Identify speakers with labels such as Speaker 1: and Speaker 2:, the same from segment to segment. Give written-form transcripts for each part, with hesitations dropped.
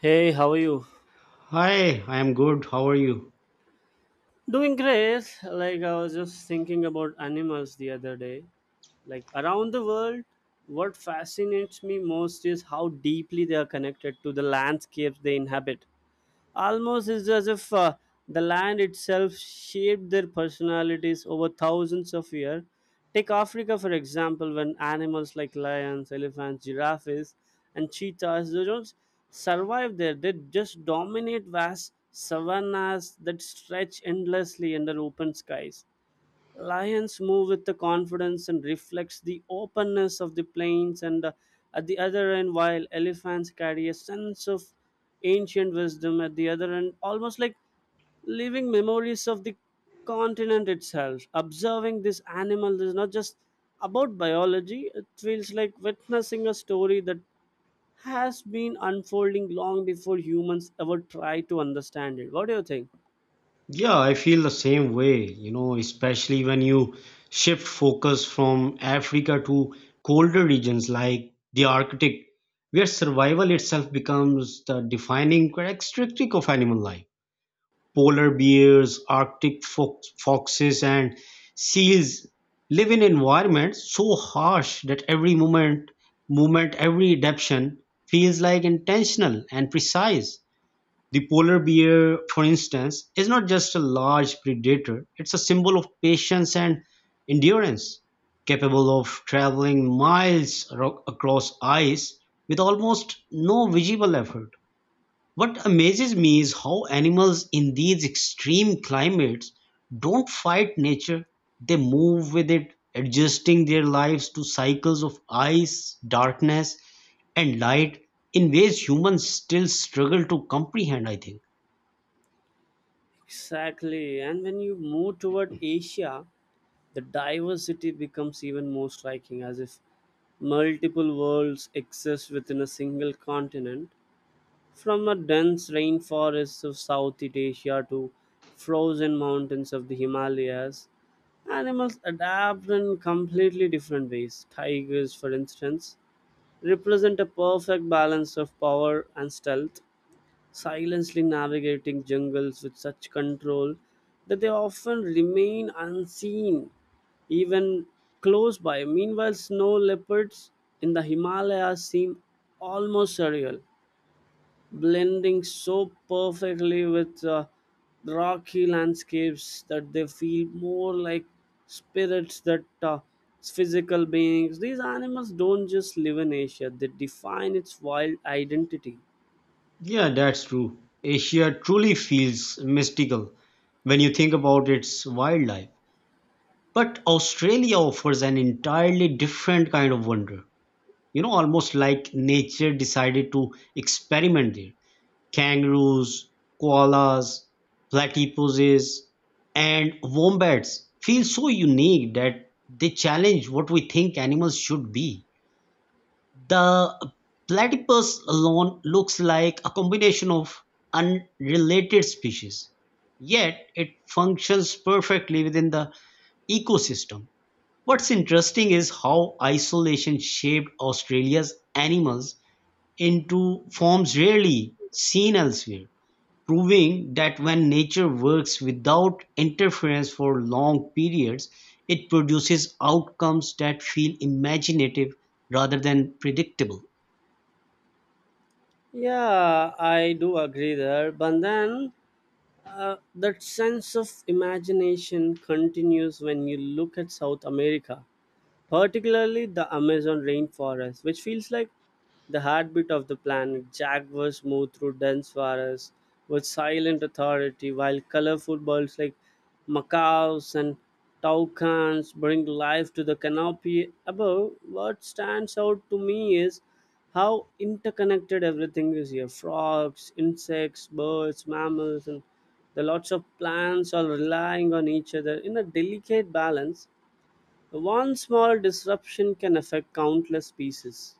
Speaker 1: Hey, how are you?
Speaker 2: Hi, I am good. How are you?
Speaker 1: Doing great. Like I was just thinking about animals the other day. Like around the world, what fascinates me most is how deeply they are connected to the landscapes they inhabit. Almost is as if the land itself shaped their personalities over thousands of years. Take Africa, for example, when animals like lions, elephants, giraffes, and cheetahs they don't survive there. They just dominate vast savannas that stretch endlessly under open skies. Lions move with the confidence and reflects the openness of the plains and at the other end, while elephants carry a sense of ancient wisdom at the other end, almost like living memories of the continent itself. Observing this animal is not just about biology. It feels like witnessing a story that has been unfolding long before humans ever try to understand it. What do you think?
Speaker 2: Yeah, I feel the same way, you know, especially when you shift focus from Africa to colder regions like the Arctic, where survival itself becomes the defining characteristic of animal life. Polar bears, Arctic fox, foxes, and seals live in environments so harsh that every moment, movement, every adaptation feels like intentional and precise. The polar bear, for instance, is not just a large predator, it's a symbol of patience and endurance, capable of traveling miles across ice with almost no visible effort. What amazes me is how animals in these extreme climates don't fight nature, they move with it, adjusting their lives to cycles of ice, darkness, and light in ways humans still struggle to comprehend, I think.
Speaker 1: Exactly. And when you move toward Asia, the diversity becomes even more striking, as if multiple worlds exist within a single continent, from a dense rainforest of Southeast Asia to frozen mountains of the Himalayas. Animals adapt in completely different ways. Tigers, for instance, represent a perfect balance of power and stealth, silently navigating jungles with such control that they often remain unseen even close by. Meanwhile, snow leopards in the Himalayas seem almost surreal, blending so perfectly with rocky landscapes that they feel more like spirits that physical beings. These animals don't just live in Asia, they define its wild identity.
Speaker 2: Yeah, that's true. Asia truly feels mystical when you think about its wildlife. But Australia offers an entirely different kind of wonder. You know, almost like nature decided to experiment there. Kangaroos, koalas, platypuses, and wombats feel so unique that they challenge what we think animals should be. The platypus alone looks like a combination of unrelated species, yet it functions perfectly within the ecosystem. What's interesting is how isolation shaped Australia's animals into forms rarely seen elsewhere, proving that when nature works without interference for long periods, it produces outcomes that feel imaginative rather than predictable.
Speaker 1: Yeah, I do agree there. But then that sense of imagination continues when you look at South America, particularly the Amazon rainforest, which feels like the heartbeat of the planet. Jaguars move through dense forests with silent authority, while colorful birds like macaws and toucans bring life to the canopy above. What stands out to me is how interconnected everything is here: frogs, insects, birds, mammals, and the lots of plants all relying on each other in a delicate balance. One small disruption can affect countless species,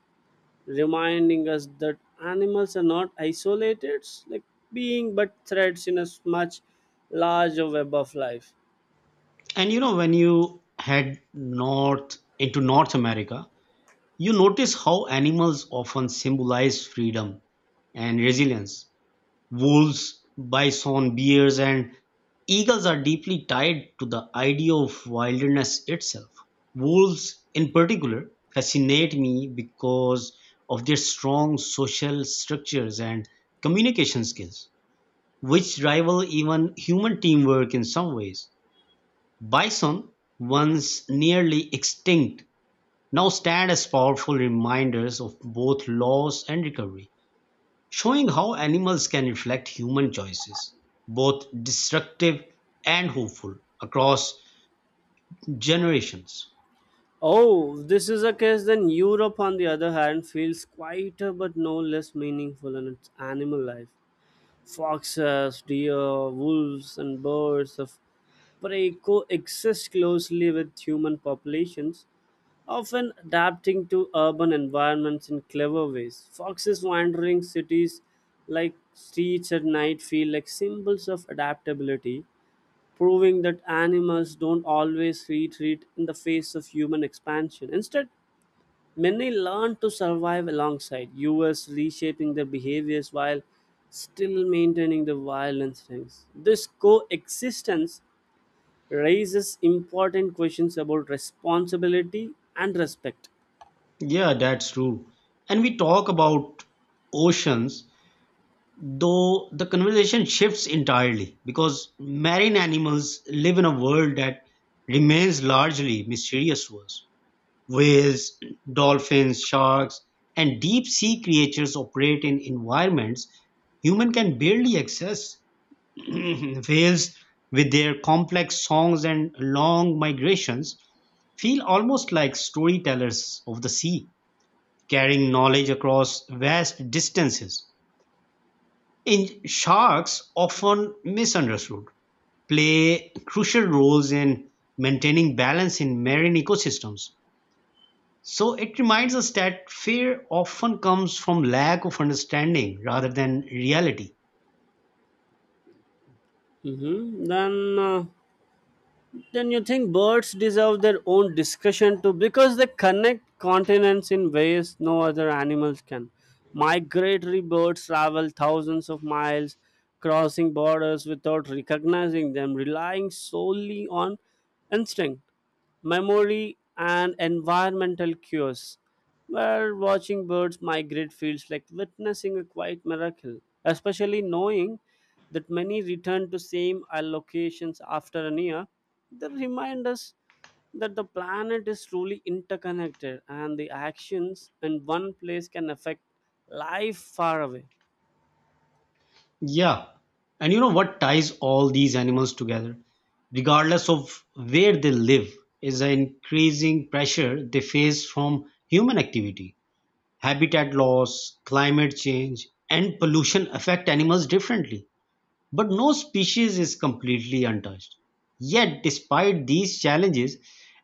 Speaker 1: reminding us that animals are not isolated like being but threads in a much larger web of life.
Speaker 2: And you know, when you head north into North America, you notice how animals often symbolize freedom and resilience. Wolves, bison, bears, and eagles are deeply tied to the idea of wilderness itself. Wolves, in particular, fascinate me because of their strong social structures and communication skills, which rival even human teamwork in some ways. Bison, once nearly extinct, now stand as powerful reminders of both loss and recovery, showing how animals can reflect human choices, both destructive and hopeful, across generations.
Speaker 1: Oh, if this is the case, then Europe, on the other hand, feels quieter but no less meaningful in its animal life. Foxes, deer, wolves, and birds of prey coexist closely with human populations, often adapting to urban environments in clever ways. Foxes wandering cities like streets at night feel like symbols of adaptability, proving that animals don't always retreat in the face of human expansion. Instead, many learned to survive alongside us reshaping their behaviors while still maintaining the wild instincts. This coexistence raises important questions about responsibility and respect.
Speaker 2: Yeah, that's true. And we talk about oceans, though the conversation shifts entirely because marine animals live in a world that remains largely mysterious to us. Whales, dolphins, sharks, and deep-sea creatures operate in environments human can barely access. Whales, with their complex songs and long migrations, feel almost like storytellers of the sea, carrying knowledge across vast distances. In sharks, often misunderstood, play crucial roles in maintaining balance in marine ecosystems. So it reminds us that fear often comes from lack of understanding rather than reality.
Speaker 1: Mhm. Then you think birds deserve their own discussion too because they connect continents in ways no other animals can. Migratory birds travel thousands of miles, crossing borders without recognizing them, relying solely on instinct, memory, and environmental cues, where watching birds migrate feels like witnessing a quiet miracle, especially knowing that many return to same allocations after an year. They remind us that the planet is truly interconnected and the actions in one place can affect life far away.
Speaker 2: Yeah. And you know what ties all these animals together, regardless of where they live, is the increasing pressure they face from human activity. Habitat loss, climate change, and pollution affect animals differently, but no species is completely untouched. Yet, despite these challenges,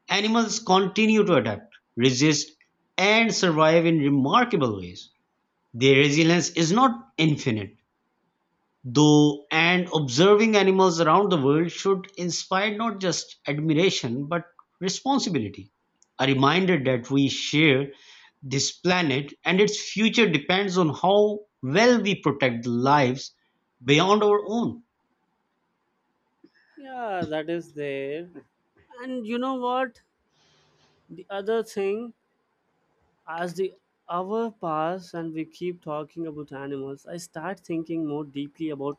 Speaker 2: animals continue to adapt, resist, and survive in remarkable ways. Their resilience is not infinite, though, and observing animals around the world should inspire not just admiration but responsibility. A reminder that we share this planet and its future depends on how well we protect the lives beyond our own.
Speaker 1: Yeah, that is there. And you know what, the other thing, as the hour pass and we keep talking about animals, I start thinking more deeply about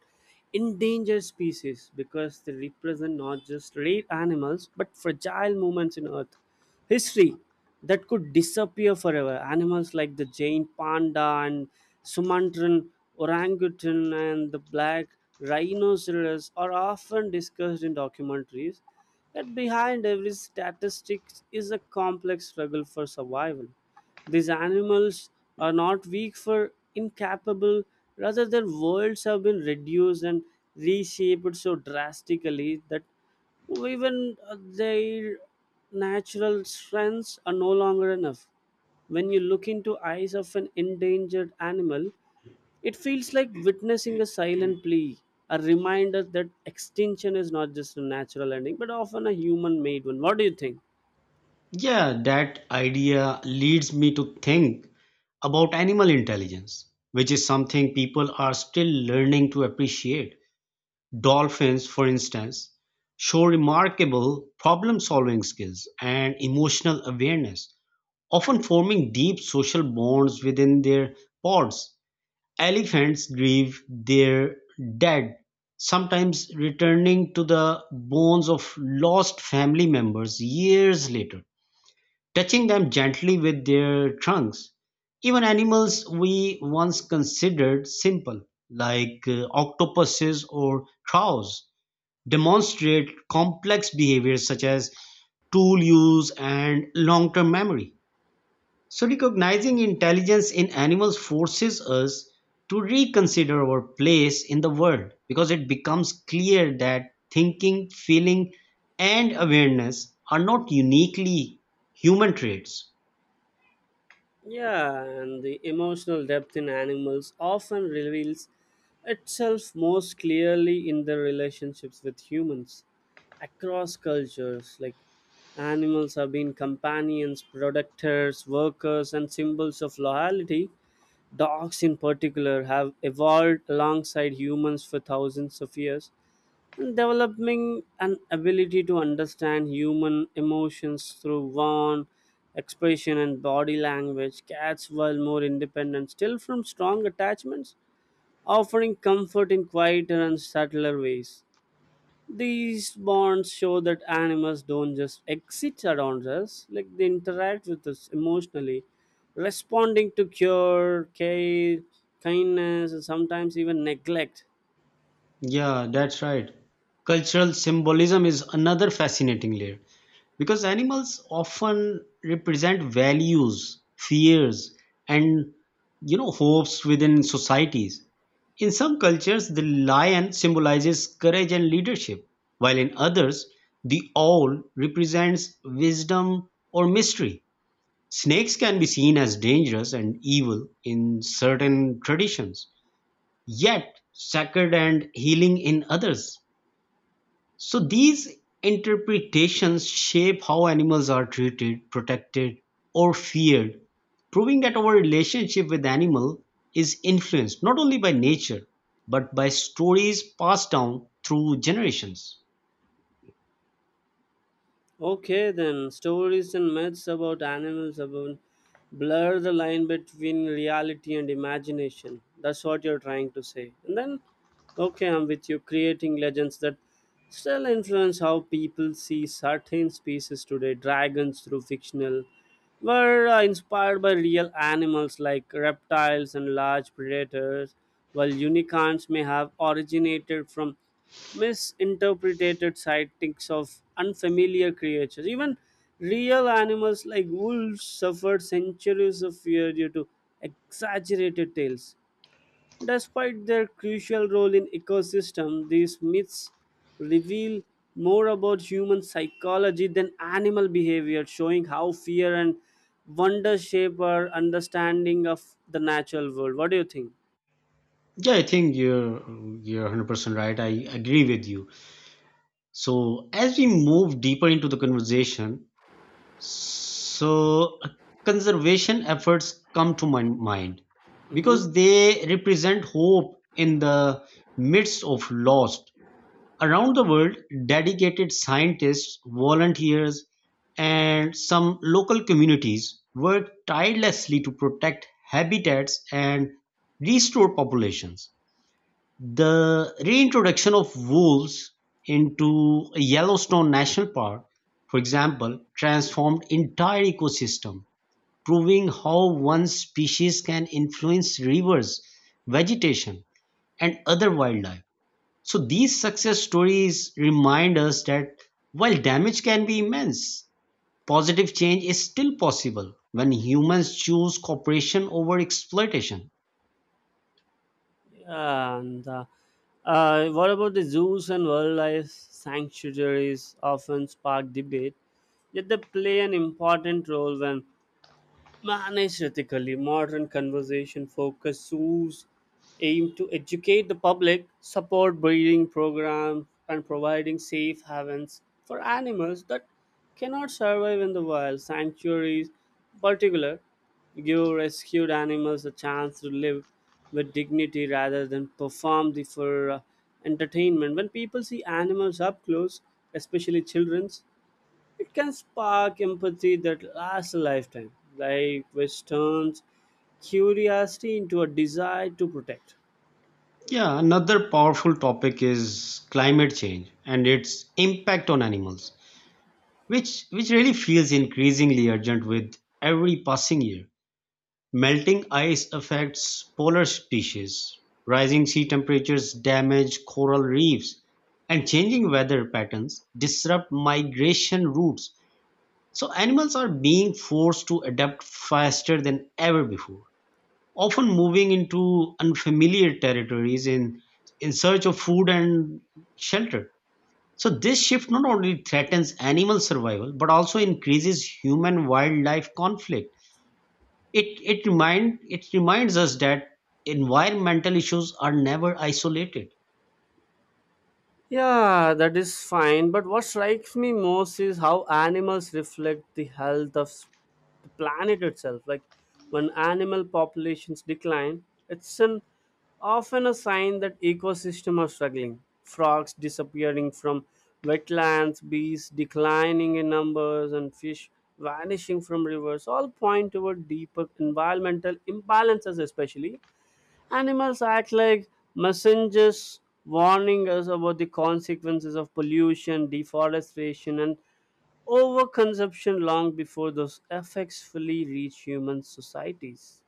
Speaker 1: endangered species because they represent not just rare animals but fragile moments in Earth history that could disappear forever. Animals like the giant panda and Sumatran orangutan and the black rhinoceros are often discussed in documentaries. Yet behind every statistic is a complex struggle for survival. These animals are not weak for incapable, rather, their worlds have been reduced and reshaped so drastically that even their natural strengths are no longer enough. When you look into eyes of an endangered animal, it feels like witnessing a silent plea, a reminder that extinction is not just a natural ending, but often a human made one. What do you think?
Speaker 2: Yeah, that idea leads me to think about animal intelligence, which is something people are still learning to appreciate. Dolphins, for instance, show remarkable problem solving skills and emotional awareness, often forming deep social bonds within their pods. Elephants grieve their dead, sometimes returning to the bones of lost family members years later, touching them gently with their trunks. Even animals we once considered simple, like octopuses or crows, demonstrate complex behaviors such as tool use and long term memory. So, recognizing intelligence in animals forces us to reconsider our place in the world because it becomes clear that thinking, feeling, and awareness are not uniquely human traits.
Speaker 1: Yeah, and the emotional depth in animals often reveals itself most clearly in their relationships with humans. Across cultures, like animals have been companions, protectors, workers, and symbols of loyalty. Dogs, in particular, have evolved alongside humans for thousands of years, and developing an ability to understand human emotions through warmth, expression, and body language. Cats, while more independent, still from strong attachments, offering comfort in quieter and subtler ways. These bonds show that animals don't just exist around us, like they interact with us emotionally, responding to cure, care, kindness, and sometimes even neglect.
Speaker 2: Yeah, that's right. Cultural symbolism is another fascinating layer because animals often represent values, fears, and, you know, hopes within societies. In some cultures, the lion symbolizes courage and leadership, while in others, the owl represents wisdom or mystery. Snakes can be seen as dangerous and evil in certain traditions, yet sacred and healing in others. So these interpretations shape how animals are treated, protected, or feared, proving that our relationship with animal is influenced not only by nature but by stories passed down through generations.
Speaker 1: Okay, then stories and myths about animals about blur the line between reality and imagination. That's what you're trying to say. And then, okay, I'm with you. Creating legends that still influence how people see certain species today. Dragons through fictional were inspired by real animals like reptiles and large predators, while unicorns may have originated from misinterpreted sightings of unfamiliar creatures. Even real animals like wolves suffered centuries of fear due to exaggerated tales. Despite their crucial role in ecosystem, these myths reveal more about human psychology than animal behavior, showing how fear and wonder shape our understanding of the natural world. What do you think?
Speaker 2: Yeah, I think you're 100% right. I agree with you. So as we move deeper into the conversation, So conservation efforts come to my mind
Speaker 1: Mhm.
Speaker 2: because they represent hope in the midst of loss. Around the world, dedicated scientists, volunteers, and some local communities work tirelessly to protect habitats and restore populations. The reintroduction of wolves into Yellowstone National Park, for example, transformed entire ecosystem, proving how one species can influence rivers, vegetation, and other wildlife. So these success stories remind us that while damage can be immense, positive change is still possible when humans choose cooperation over exploitation.
Speaker 1: Yeah, and what about the zoos and wildlife sanctuaries often spark debate, yet they play an important role when, man, aesthetically, modern conversation focus zoos aim to educate the public, support breeding programs, and providing safe havens for animals that cannot survive in the wild. Sanctuaries, in particular, give rescued animals a chance to live with dignity rather than perform the for entertainment. When people see animals up close, especially children's, it can spark empathy that lasts a lifetime, like which turns curiosity into a desire to protect.
Speaker 2: Yeah, another powerful topic is climate change and its impact on animals, which really feels increasingly urgent with every passing year. Melting ice affects polar species, rising sea temperatures damage coral reefs, and changing weather patterns disrupt migration routes. So animals are being forced to adapt faster than ever before, often moving into unfamiliar territories in search of food and shelter. So, this shift not only threatens animal survival but also increases human wildlife conflict. It reminds us that environmental issues are never isolated.
Speaker 1: Yeah, that is fine. But what strikes me most is how animals reflect the health of the planet itself. Like when animal populations decline, it's an often a sign that ecosystems are struggling. Frogs disappearing from wetlands, bees declining in numbers, and fish vanishing from rivers all point toward deeper environmental imbalances, especially animals act like messengers warning us about the consequences of pollution, deforestation, and overconsumption long before those effects fully reach human societies.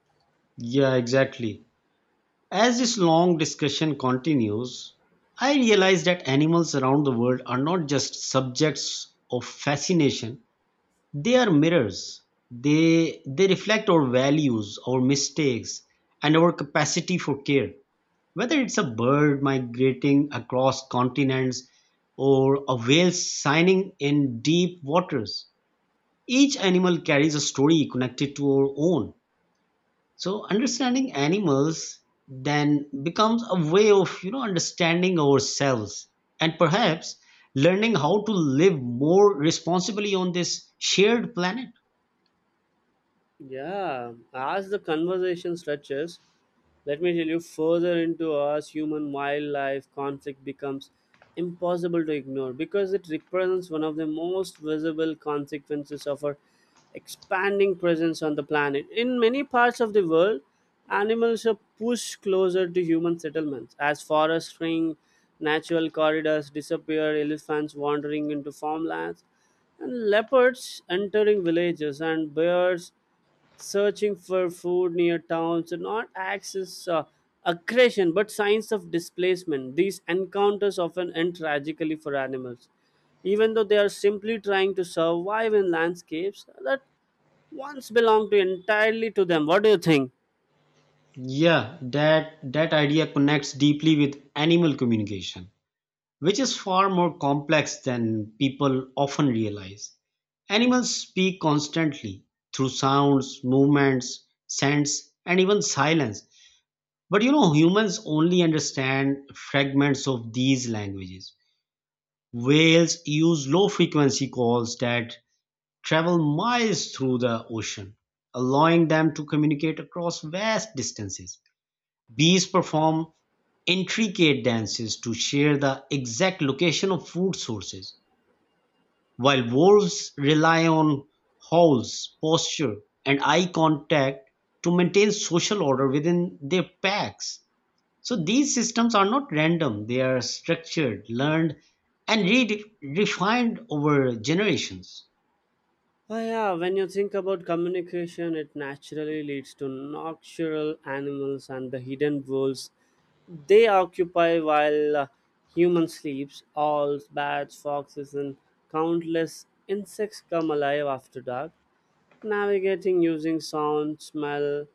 Speaker 2: Yeah, exactly. As this long discussion continues, I realize that animals around the world are not just subjects of fascination. They are mirrors; they reflect our values, our mistakes, and our capacity for care. Whether it's a bird migrating across continents or a whale signing in deep waters, each animal carries a story connected to our own. So understanding animals then becomes a way of, you know, understanding ourselves and perhaps learning how to live more responsibly on this shared planet.
Speaker 1: Yeah, as the conversation stretches, let me tell you, further into us human wildlife conflict becomes impossible to ignore because it represents one of the most visible consequences of our expanding presence on the planet. In many parts of the world, animals are pushed closer to human settlements as forests shrink, natural corridors disappear, elephants wandering into farmlands, and leopards entering villages, and bears searching for food near towns and not acts as aggression but signs of displacement. These encounters often end tragically for animals, even though they are simply trying to survive in landscapes that once belonged to entirely to them. What do you think?
Speaker 2: Yeah, that idea connects deeply with animal communication, which is far more complex than people often realize. Animals speak constantly through sounds, movements, scents, and even silence. But you know, humans only understand fragments of these languages. Whales use low frequency calls that travel miles through the ocean, allowing them to communicate across vast distances. Bees perform intricate dances to share the exact location of food sources, while wolves rely on howls, posture, and eye contact to maintain social order within their packs. So these systems are not random, they are structured, learned, and refined over generations.
Speaker 1: Oh, yeah, when you think about communication, it naturally leads to nocturnal animals and the hidden roles they occupy while human sleeps. Owls, bats, foxes, and countless insects come alive after dark, navigating using sound, smell,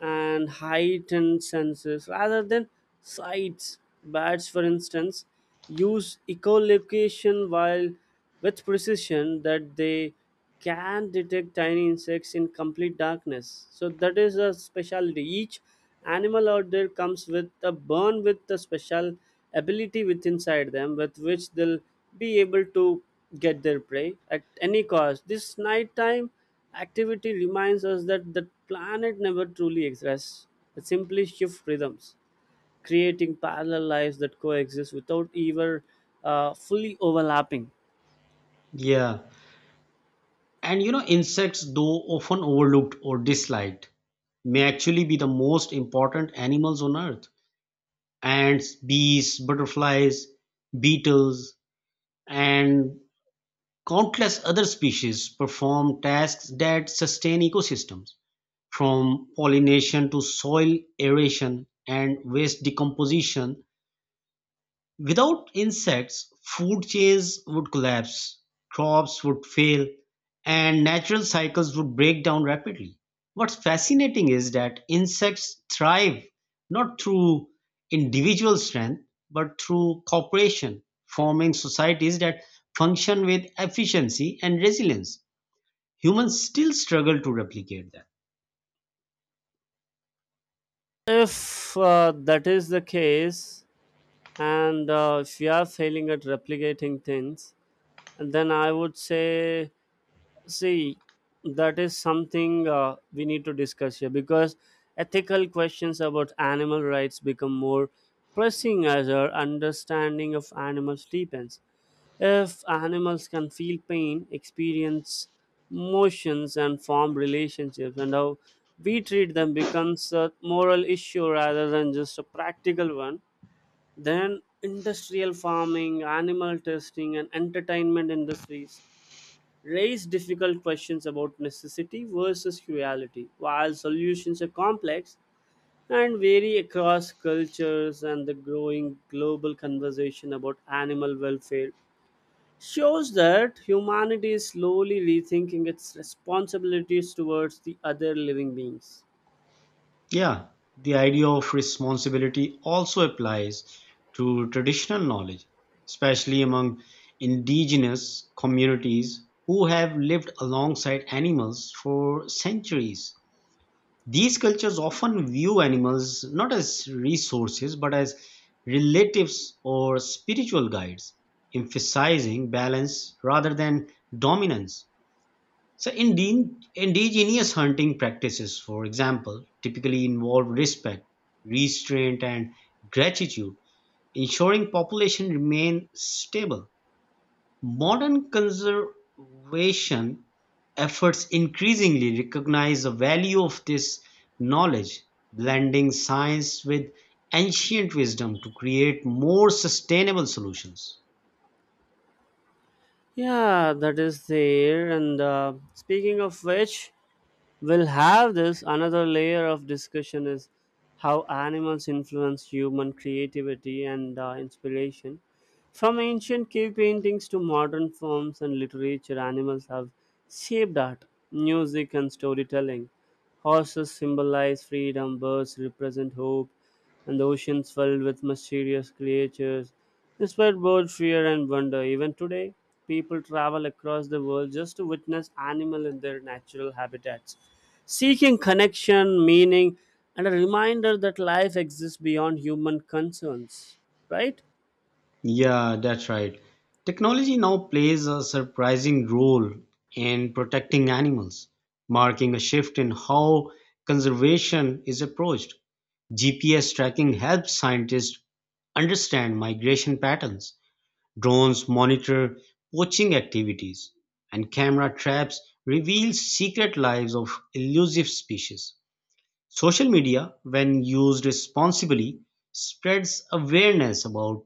Speaker 1: and heightened senses rather than sights. Bats, for instance, use echolocation while with precision that they can detect tiny insects in complete darkness. So that is a specialty. Each animal out there comes with a born with a special ability with inside them with which they'll be able to get their prey at any cost. This nighttime activity reminds us that the planet never truly rests. It simply shifts rhythms, creating parallel lives that coexist without ever fully overlapping.
Speaker 2: Yeah. And you know, insects, though often overlooked or disliked, may actually be the most important animals on earth. Ants, bees, butterflies, beetles, and countless other species perform tasks that sustain ecosystems, from pollination to soil aeration and waste decomposition. Without insects, food chains would collapse, crops would fail, and natural cycles would break down rapidly. What's fascinating is that insects thrive not through individual strength, but through cooperation, forming societies that function with efficiency and resilience. Humans still struggle to replicate that.
Speaker 1: If that is the case, and if you are failing at replicating things, and then I would say, see, that is something we need to discuss here because ethical questions about animal rights become more pressing as our understanding of animals deepens. If animals can feel pain, experience emotions, and form relationships, and how we treat them becomes a moral issue rather than just a practical one, then industrial farming, animal testing, and entertainment industries raise difficult questions about necessity versus reality. While solutions are complex and vary across cultures, and the growing global conversation about animal welfare shows that humanity is slowly rethinking its responsibilities towards the other living beings.
Speaker 2: Yeah, the idea of responsibility also applies to traditional knowledge, especially among indigenous communities who have lived alongside animals for centuries. These cultures often view animals not as resources but as relatives or spiritual guides, emphasizing balance rather than dominance. So, indigenous hunting practices, for example, typically involve respect, restraint, and gratitude, ensuring population remain stable. Modern conservation efforts increasingly recognize the value of this knowledge, blending science with ancient wisdom to create more sustainable solutions.
Speaker 1: Yeah, that is there. And speaking of which, we'll have this another layer of discussion is how animals influence human creativity and inspiration. From ancient cave paintings to modern forms and literature, animals have shaped art, music, and storytelling. Horses symbolize freedom, birds represent hope, and the oceans filled with mysterious creatures inspired both fear and wonder. Even today, people travel across the world just to witness animal in their natural habitats, seeking connection, meaning, and a reminder that life exists beyond human concerns. Right?
Speaker 2: Yeah, that's right. Technology now plays a surprising role in protecting animals, marking a shift in how conservation is approached. GPS tracking helps scientists understand migration patterns, drones monitor poaching activities, and camera traps reveal secret lives of elusive species. Social media, when used responsibly, spreads awareness about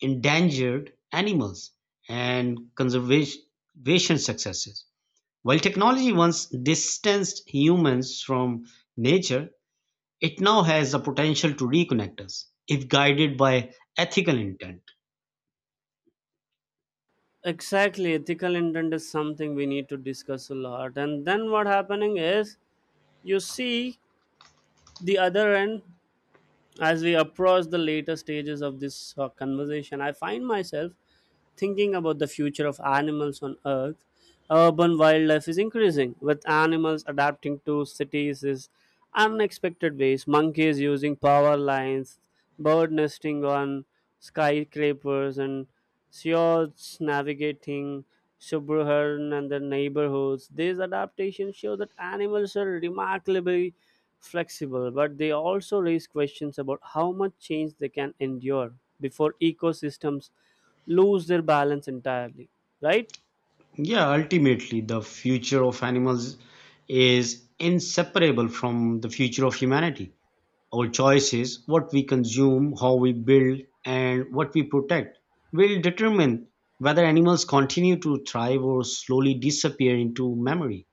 Speaker 2: endangered animals, and conservation successes. While technology once distanced humans from nature, it now has the potential to reconnect us if guided by ethical intent.
Speaker 1: Exactly. Ethical intent is something we need to discuss a lot. And then what happening is, you see, the other end, as we approach the later stages of this conversation, I find myself thinking about the future of animals on Earth. Urban wildlife is increasing, with animals adapting to cities in unexpected ways. Monkeys using power lines, bird nesting on skyscrapers, and seals navigating suburban and their neighborhoods. These adaptations show that animals are remarkably flexible, but they also raise questions about how much change they can endure before ecosystems lose their balance entirely, right?
Speaker 2: Yeah, ultimately, the future of animals is inseparable from the future of humanity. Our choices, what we consume, how we build, and what we protect, will determine whether animals continue to thrive or slowly disappear into memory.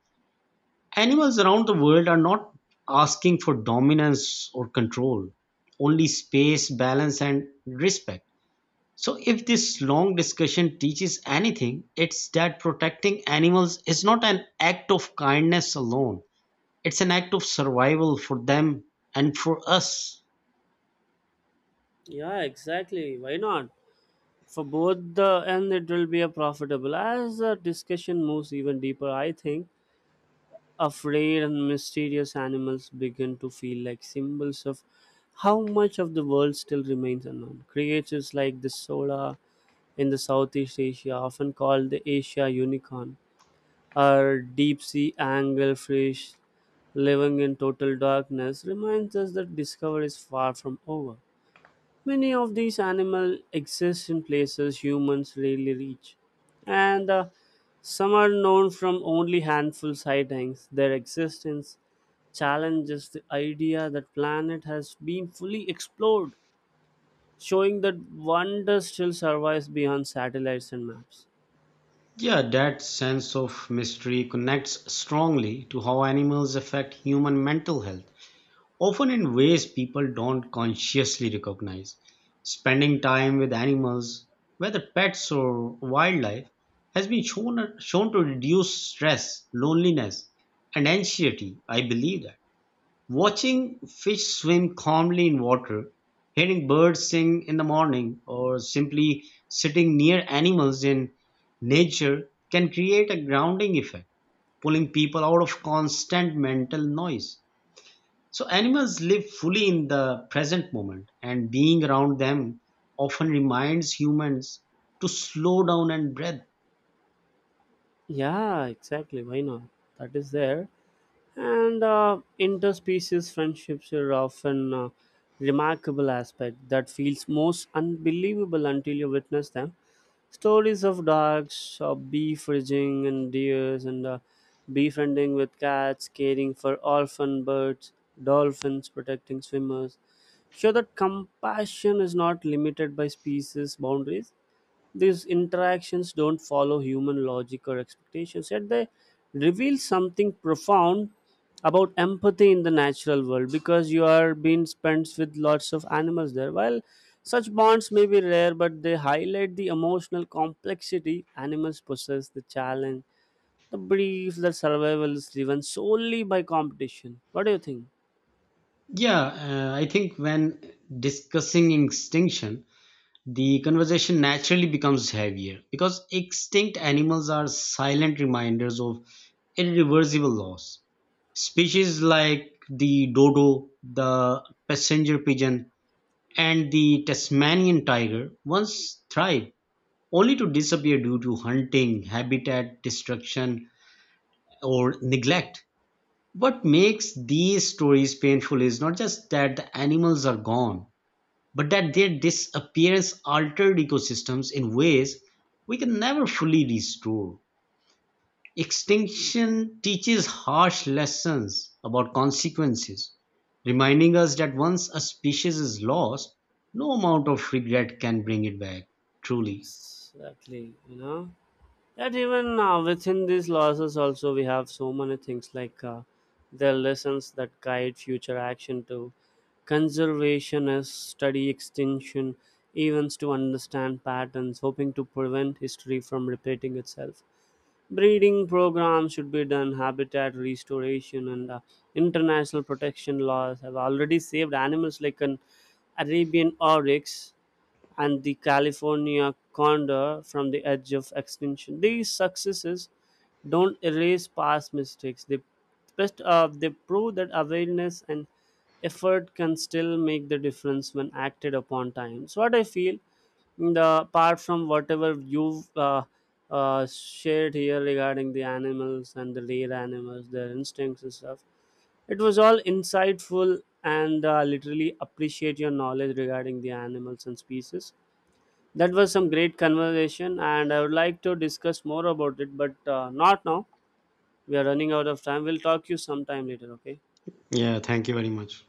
Speaker 2: Animals around the world are not asking for dominance or control, only space, balance, and respect. So, if this long discussion teaches anything, it's that protecting animals is not an act of kindness alone, it's an act of survival for them and for us.
Speaker 1: Yeah, exactly. Why not? For both the and it will be a profitable. As the discussion moves even deeper, I think afraid and mysterious animals begin to feel like symbols of how much of the world still remains unknown. Creatures like the sola in the Southeast Asia, often called the Asia unicorn, or deep sea anglerfish living in total darkness, reminds us that discovery is far from over. Many of these animals exist in places humans rarely reach, and some are known from only handful sightings. Their existence challenges the idea that planet has been fully explored, showing that wonder still survives beyond satellites and maps.
Speaker 2: Yeah, that sense of mystery connects strongly to how animals affect human mental health, often in ways people don't consciously recognize. Spending time with animals, whether pets or wildlife, has been shown to reduce stress, loneliness, and anxiety. I believe that. Watching fish swim calmly in water, hearing birds sing in the morning, or simply sitting near animals in nature can create a grounding effect, pulling people out of constant mental noise. So, animals live fully in the present moment, and being around them often reminds humans to slow down and breathe.
Speaker 1: Yeah, exactly. Why not? That is there. And interspecies friendships are often a remarkable aspect that feels most unbelievable until you witness them. Stories of dogs, beef raising and deers, and befriending with cats, caring for orphan birds, dolphins protecting swimmers, show that compassion is not limited by species boundaries. These interactions don't follow human logic or expectations, yet they reveal something profound about empathy in the natural world because you are being spent with lots of animals there. While such bonds may be rare, but they highlight the emotional complexity animals possess, the challenge, the brief the survival is driven solely by competition. What do you think?
Speaker 2: Yeah, I think when discussing extinction, the conversation naturally becomes heavier because extinct animals are silent reminders of irreversible loss. Species like the dodo, the passenger pigeon, and the Tasmanian tiger once thrived only to disappear due to hunting, habitat destruction, or neglect. What makes these stories painful is not just that the animals are gone but that they disappearance altered ecosystems in ways we can never fully restore. Extinction teaches harsh lessons about consequences, reminding us that once a species is lost, no amount of regret can bring it back. Truly.
Speaker 1: Exactly, you know. That even within these losses also we have so many things like the lessons that guide future action. To conservationist study extinction events to understand patterns hoping to prevent history from repeating itself, breeding programs should be done, habitat restoration, and international protection laws have already saved animals like an Arabian Oryx and the California Condor from the edge of extinction. These successes don't erase past mistakes. They best they prove that awareness and effort can still make the difference when acted upon time. So what I feel, the apart from whatever you've shared here regarding the animals and the rare animals, their instincts and stuff, it was all insightful and literally appreciate your knowledge regarding the animals and species. That was some great conversation, and I would like to discuss more about it, but not now. We are running out of time. We'll talk to you sometime later, okay?
Speaker 2: Yeah, thank you very much.